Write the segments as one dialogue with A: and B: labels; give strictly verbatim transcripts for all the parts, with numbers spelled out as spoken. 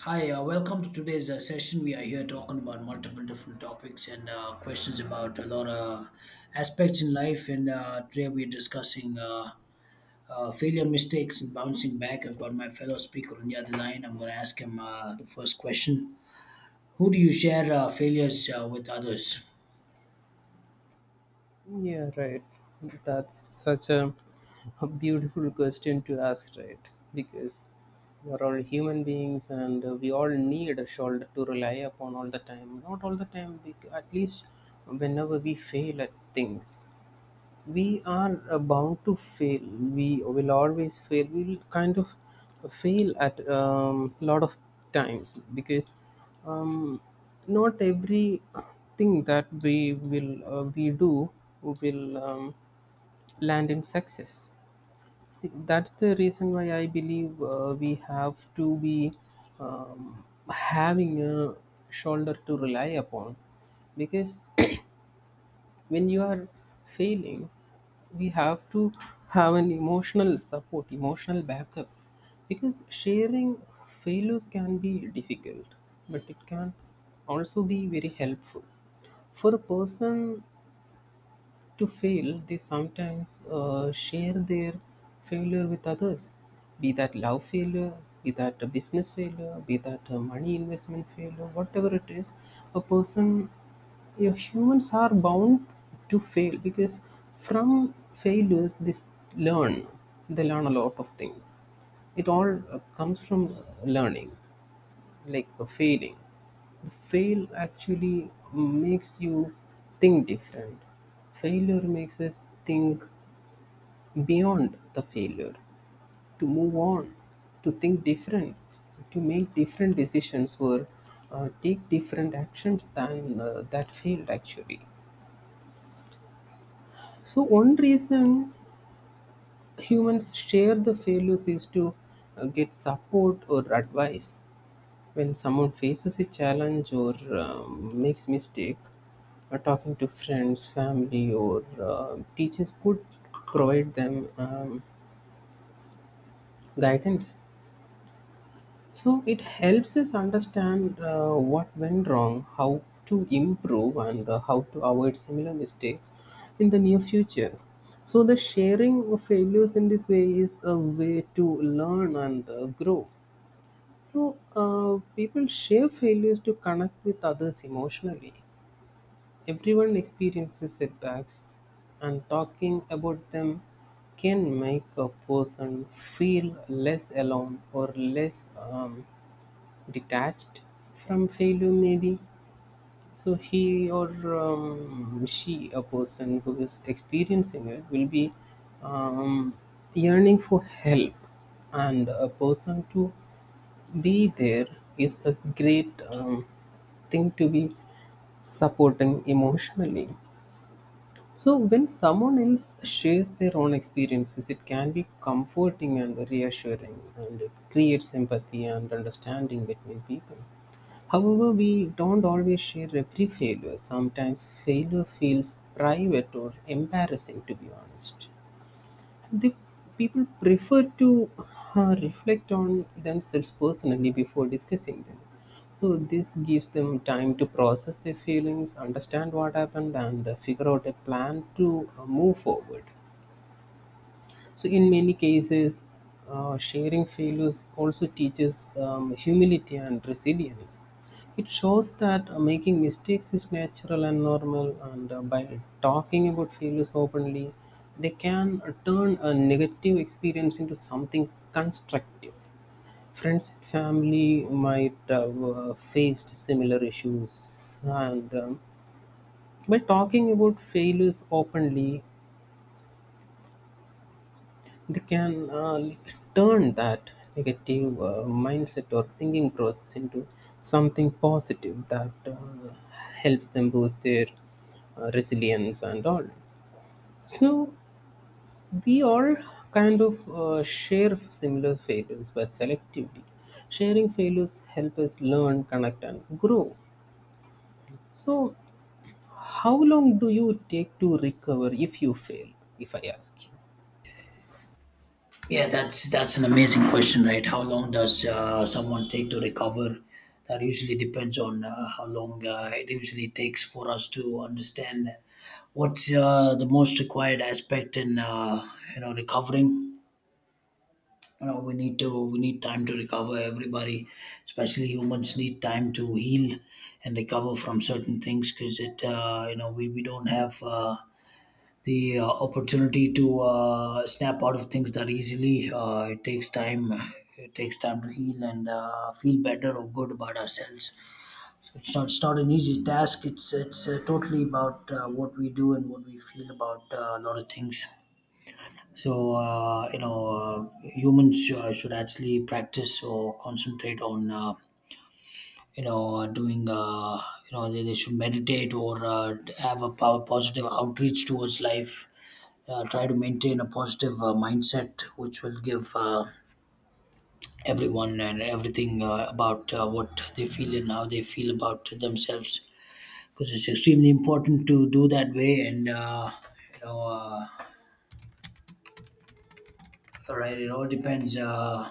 A: Hi, uh, welcome to today's uh, session. We are here talking about multiple different topics and uh, questions about a lot of aspects in life. And uh, today we're discussing uh, uh, failure, mistakes, and bouncing back. I've got my fellow speaker on the other line. I'm going to ask him uh, the first question. Who do you share uh, failures uh, with others?
B: Yeah, right. That's such a, a beautiful question to ask, right? Because we're all human beings and uh, we all need a shoulder to rely upon all the time. Not all the time, bec- at least whenever we fail at things, we are uh, bound to fail, we will always fail, we will kind of fail at a um, lot of times because um, not every thing that we will uh, we do will um, land in success. See, that's the reason why I believe uh, we have to be um, having a shoulder to rely upon, because when you are failing, we have to have an emotional support, emotional backup, because sharing failures can be difficult, but it can also be very helpful. For a person to fail, they sometimes uh, share their failure with others, be that love failure, be that a business failure, be that a money investment failure, whatever it is. A person, yeah, humans are bound to fail because from failures they learn, they learn a lot of things. It all uh, comes from learning, like uh, failing. The fail actually makes you think different. Failure makes us think beyond the failure, to move on, to think different, to make different decisions, or uh, take different actions than uh, that failed actually. So one reason humans share the failures is to uh, get support or advice when someone faces a challenge or um, makes mistake. uh, talking to friends, family, or uh, teachers could provide them um, guidance. So it helps us understand uh, what went wrong, how to improve, and uh, how to avoid similar mistakes in the near future. So the sharing of failures in this way is a way to learn and uh, grow. So uh, people share failures to connect with others emotionally. Everyone experiences setbacks, and talking about them can make a person feel less alone or less um, detached from failure maybe. So he or um, she, a person who is experiencing it, will be um, yearning for help, and a person to be there is a great um, thing, to be supporting emotionally. So when someone else shares their own experiences, it can be comforting and reassuring, and it creates empathy and understanding between people. However, we don't always share every failure. Sometimes failure feels private or embarrassing, to be honest. The people prefer to uh, reflect on themselves personally before discussing them. So, this gives them time to process their feelings, understand what happened, and uh, figure out a plan to uh, move forward. So, in many cases, uh, sharing failures also teaches um, humility and resilience. It shows that uh, making mistakes is natural and normal, and uh, by talking about failures openly, they can uh, turn a negative experience into something constructive. Friends and family might have uh, faced similar issues, and um, by talking about failures openly, they can uh, turn that negative uh, mindset or thinking process into something positive that uh, helps them boost their uh, resilience and all. So we all kind of uh, share similar failures, but selectively. Sharing failures help us learn, connect, and grow. So, how long do you take to recover if you fail? If I ask you,
A: Yeah, that's that's an amazing question, right? How long does uh, someone take to recover? That usually depends on uh, how long uh, it usually takes for us to understand what's uh, the most required aspect in uh, you know recovering. You know, we need to we need time to recover. Everybody, especially humans, need time to heal and recover from certain things because it uh, you know we we don't have. Uh, the uh, opportunity to uh, snap out of things that easily. Uh, it takes time. It takes time to heal and uh, feel better or good about ourselves. So it's not it's not an easy task. It's it's uh, totally about uh, what we do and what we feel about uh, a lot of things. So uh, you know, uh, humans uh, should actually practice or concentrate on uh, you know uh, doing uh, you know they, they should meditate or uh, have a power positive outreach towards life, uh, try to maintain a positive uh, mindset which will give uh, everyone and everything uh, about uh, what they feel and how they feel about themselves because it's extremely important to do that way and uh, you know uh, right it all depends uh,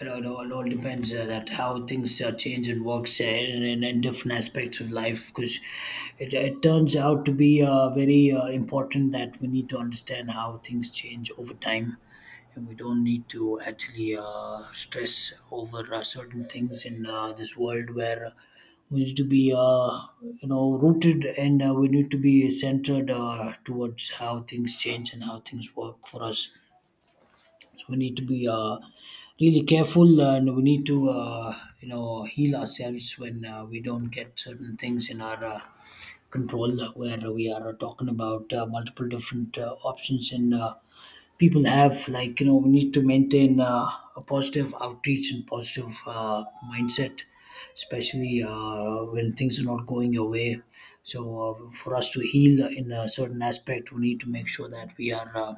A: You know, it all, it all depends uh, that how things uh, change and works uh, in, in, in different aspects of life because it, it turns out to be uh, very uh, important that we need to understand how things change over time and we don't need to actually uh, stress over uh, certain things in uh, this world where we need to be uh, you know rooted and uh, we need to be centered uh, towards how things change and how things work for us so we need to be uh, really careful, and we need to uh, you know heal ourselves when uh, we don't get certain things in our uh, control. uh, Where we are talking about uh, multiple different uh, options and uh, people have like you know we need to maintain uh, a positive outreach and positive uh, mindset, especially uh, when things are not going your way. So uh, for us to heal in a certain aspect, we need to make sure that we are. Uh,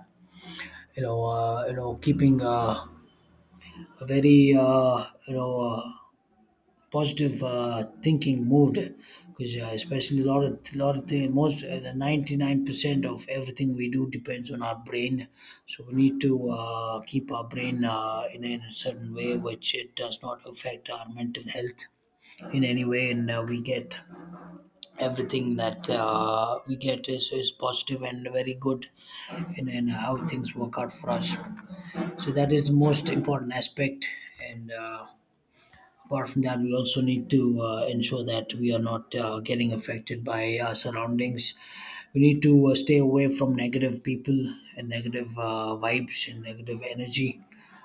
A: You know, uh, you know, keeping uh, a very uh, you know uh, positive uh, thinking mood because uh, especially a lot of lot of the most uh, the ninety-nine percent of everything we do depends on our brain, so we need to uh, keep our brain uh, in, in a certain way which it does not affect our mental health in any way, and uh, we get everything that uh, we get is, is positive and very good in, in how things work out for us, so that is the most important aspect. And uh, apart from that, we also need to uh, ensure that we are not uh, getting affected by our surroundings. We need to uh, stay away from negative people and negative uh, vibes and negative energy.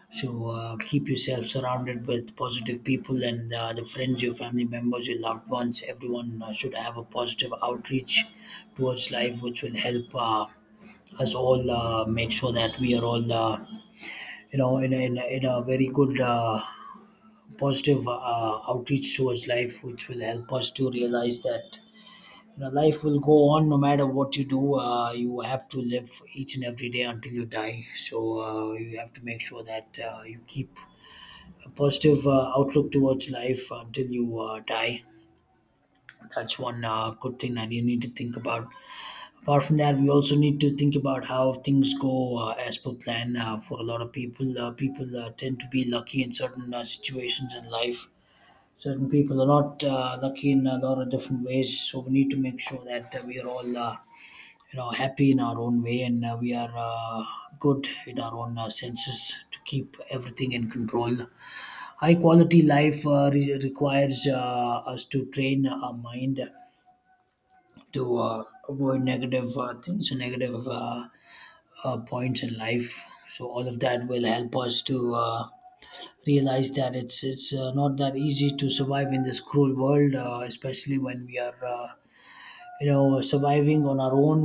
A: So uh, keep yourself surrounded with positive people and uh, the friends, your family members, your loved ones. Everyone uh, should have a positive outreach towards life, which will help uh, us all uh, make sure that we are all, uh, you know, in a, in a, in a very good uh, positive uh, outreach towards life, which will help us to realize that you know life will go on no matter what you do. Uh, you have to live each and every day until you die. So uh, you have to make sure that uh, you keep a positive uh, outlook towards life until you uh, die. That's one uh, good thing that you need to think about. Apart from that, we also need to think about how things go uh, as per plan uh, for a lot of people. Uh, people uh, tend to be lucky in certain uh, situations in life. Certain people are not uh, lucky in a lot of different ways, so we need to make sure that uh, we are all uh, you know happy in our own way, and uh, we are uh, good in our own uh, senses to keep everything in control. High quality life uh, re- requires uh, us to train our mind to uh, avoid negative uh, things and negative uh, uh, points in life, so all of that will help us to uh, realize that it's it's uh, not that easy to survive in this cruel world, uh, especially when we are uh, you know surviving on our own.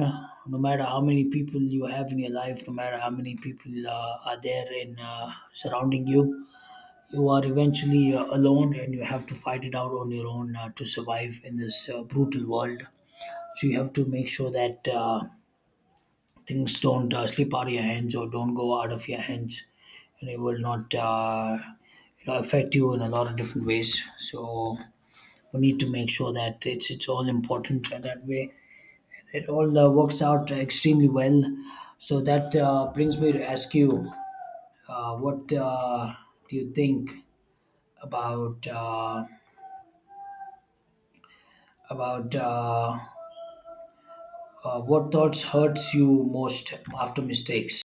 A: No matter how many people you have in your life, no matter how many people uh, are there in uh, surrounding you, you are eventually uh, alone, and you have to fight it out on your own uh, to survive in this uh, brutal world. So you have to make sure that. Uh, things don't uh, slip out of your hands or don't go out of your hands and it will not uh, you know, affect you in a lot of different ways, so we need to make sure that it's it's all important that way, it all uh, works out extremely well. So that uh, brings me to ask you uh, what uh, do you think about uh, about uh, uh, what thoughts hurts you most after mistakes.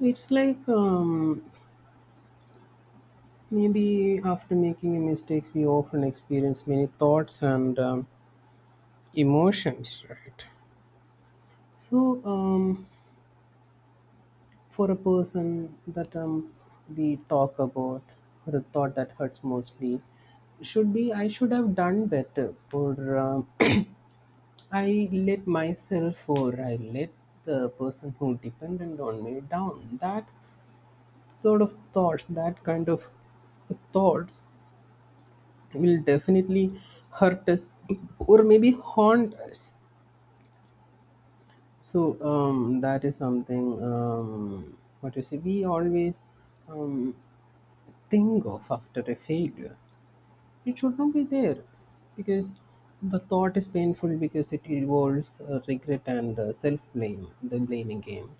B: it's like um, maybe after making a mistakes, we often experience many thoughts and um, emotions, right? So, um, for a person that um, we talk about, the thought that hurts mostly should be I should have done better, or um, I let myself, or I let the person who dependent on me down. That sort of thoughts, that kind of thoughts will definitely hurt us, or maybe haunt us. So um, that is something, um, what you say, we always um, think of after a failure. It should not be there, because the thought is painful because it involves uh, regret and uh, self blame, the blaming game.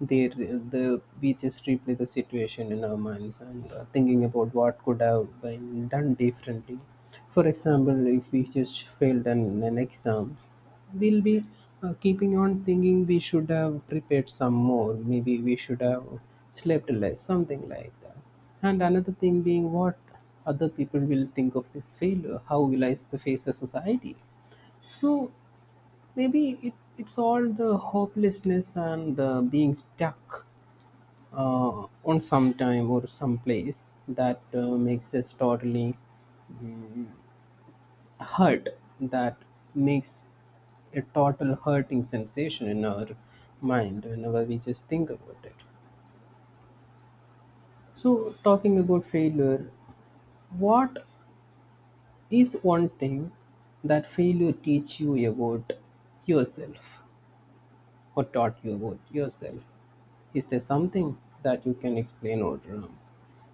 B: They re- the We just replay the situation in our minds and uh, thinking about what could have been done differently. For example, if we just failed an, an exam, we'll be uh, keeping on thinking we should have prepared some more. Maybe we should have slept less, something like that. And another thing being what other people will think of this failure. How will I face the society? So maybe it, it's all the hopelessness and uh, being stuck uh, on some time or some place that uh, makes us totally hurt, that makes a total hurting sensation in our mind whenever we just think about it. So talking about failure, what is one thing that failure teach you about yourself, or taught you about yourself? Is there something that you can explain, or um,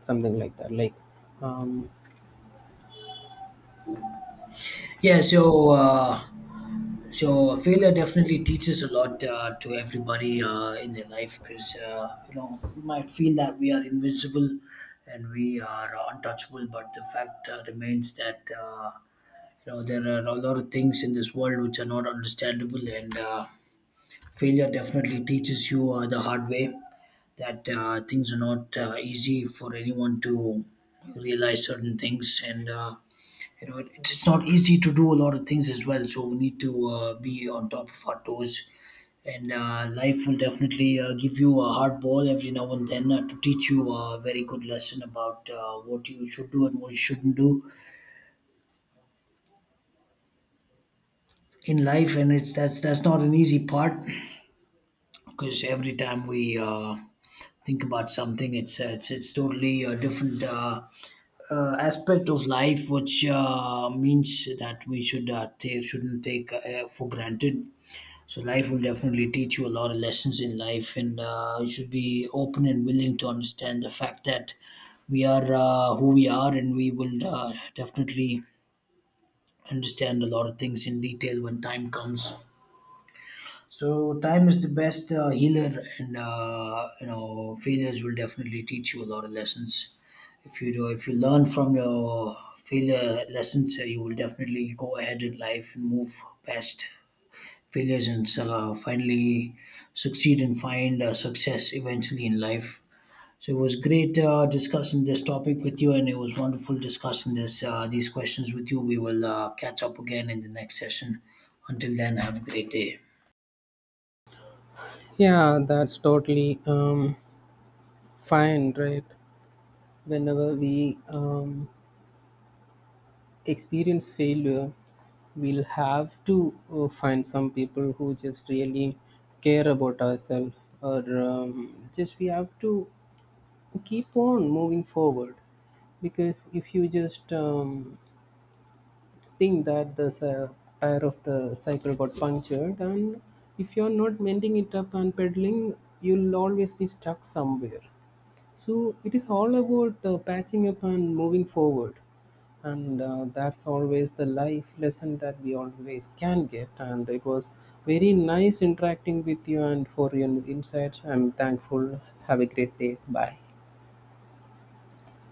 B: something like that, like um,
A: Yeah, so uh, so failure definitely teaches a lot uh, to everybody uh, in their life, because uh, you know we might feel that we are invincible and we are untouchable, but the fact uh, remains that uh, you know there are a lot of things in this world which are not understandable, and uh, failure definitely teaches you uh, the hard way that uh, things are not uh, easy for anyone to realize certain things and. Uh, you know it, it's it's not easy to do a lot of things as well, so we need to uh, be on top of our toes, and uh, life will definitely uh, give you a hard ball every now and then uh, to teach you a very good lesson about uh, what you should do and what you shouldn't do in life, and it's that's that's not an easy part because every time we uh, think about something it's uh, it's, it's totally a different uh, uh, aspect of life which uh, means that we should uh, take, shouldn't take uh, for granted. So life will definitely teach you a lot of lessons in life, and uh, you should be open and willing to understand the fact that we are uh, who we are, and we will uh, definitely understand a lot of things in detail when time comes. So time is the best uh, healer, and uh, you know failures will definitely teach you a lot of lessons. If you do, if you learn from your failure lessons, uh, you will definitely go ahead in life and move past failures and uh, finally succeed and find uh, success eventually in life. So it was great uh, discussing this topic with you, and it was wonderful discussing this uh, these questions with you. We will uh, catch up again in the next session. Until then, have a great day.
B: yeah, that's totally um, fine, right? Whenever we um, experience failure, we'll have to uh, find some people who just really care about ourselves, or um, just we have to keep on moving forward. Because if you just um, think that the cy- tire of the cycle got punctured, and if you're not mending it up and pedaling, you'll always be stuck somewhere. So it is all about uh, patching up and moving forward. And uh, that's always the life lesson that we always can get. And it was very nice interacting with you, and for your insights, I'm thankful. Have a great day. Bye.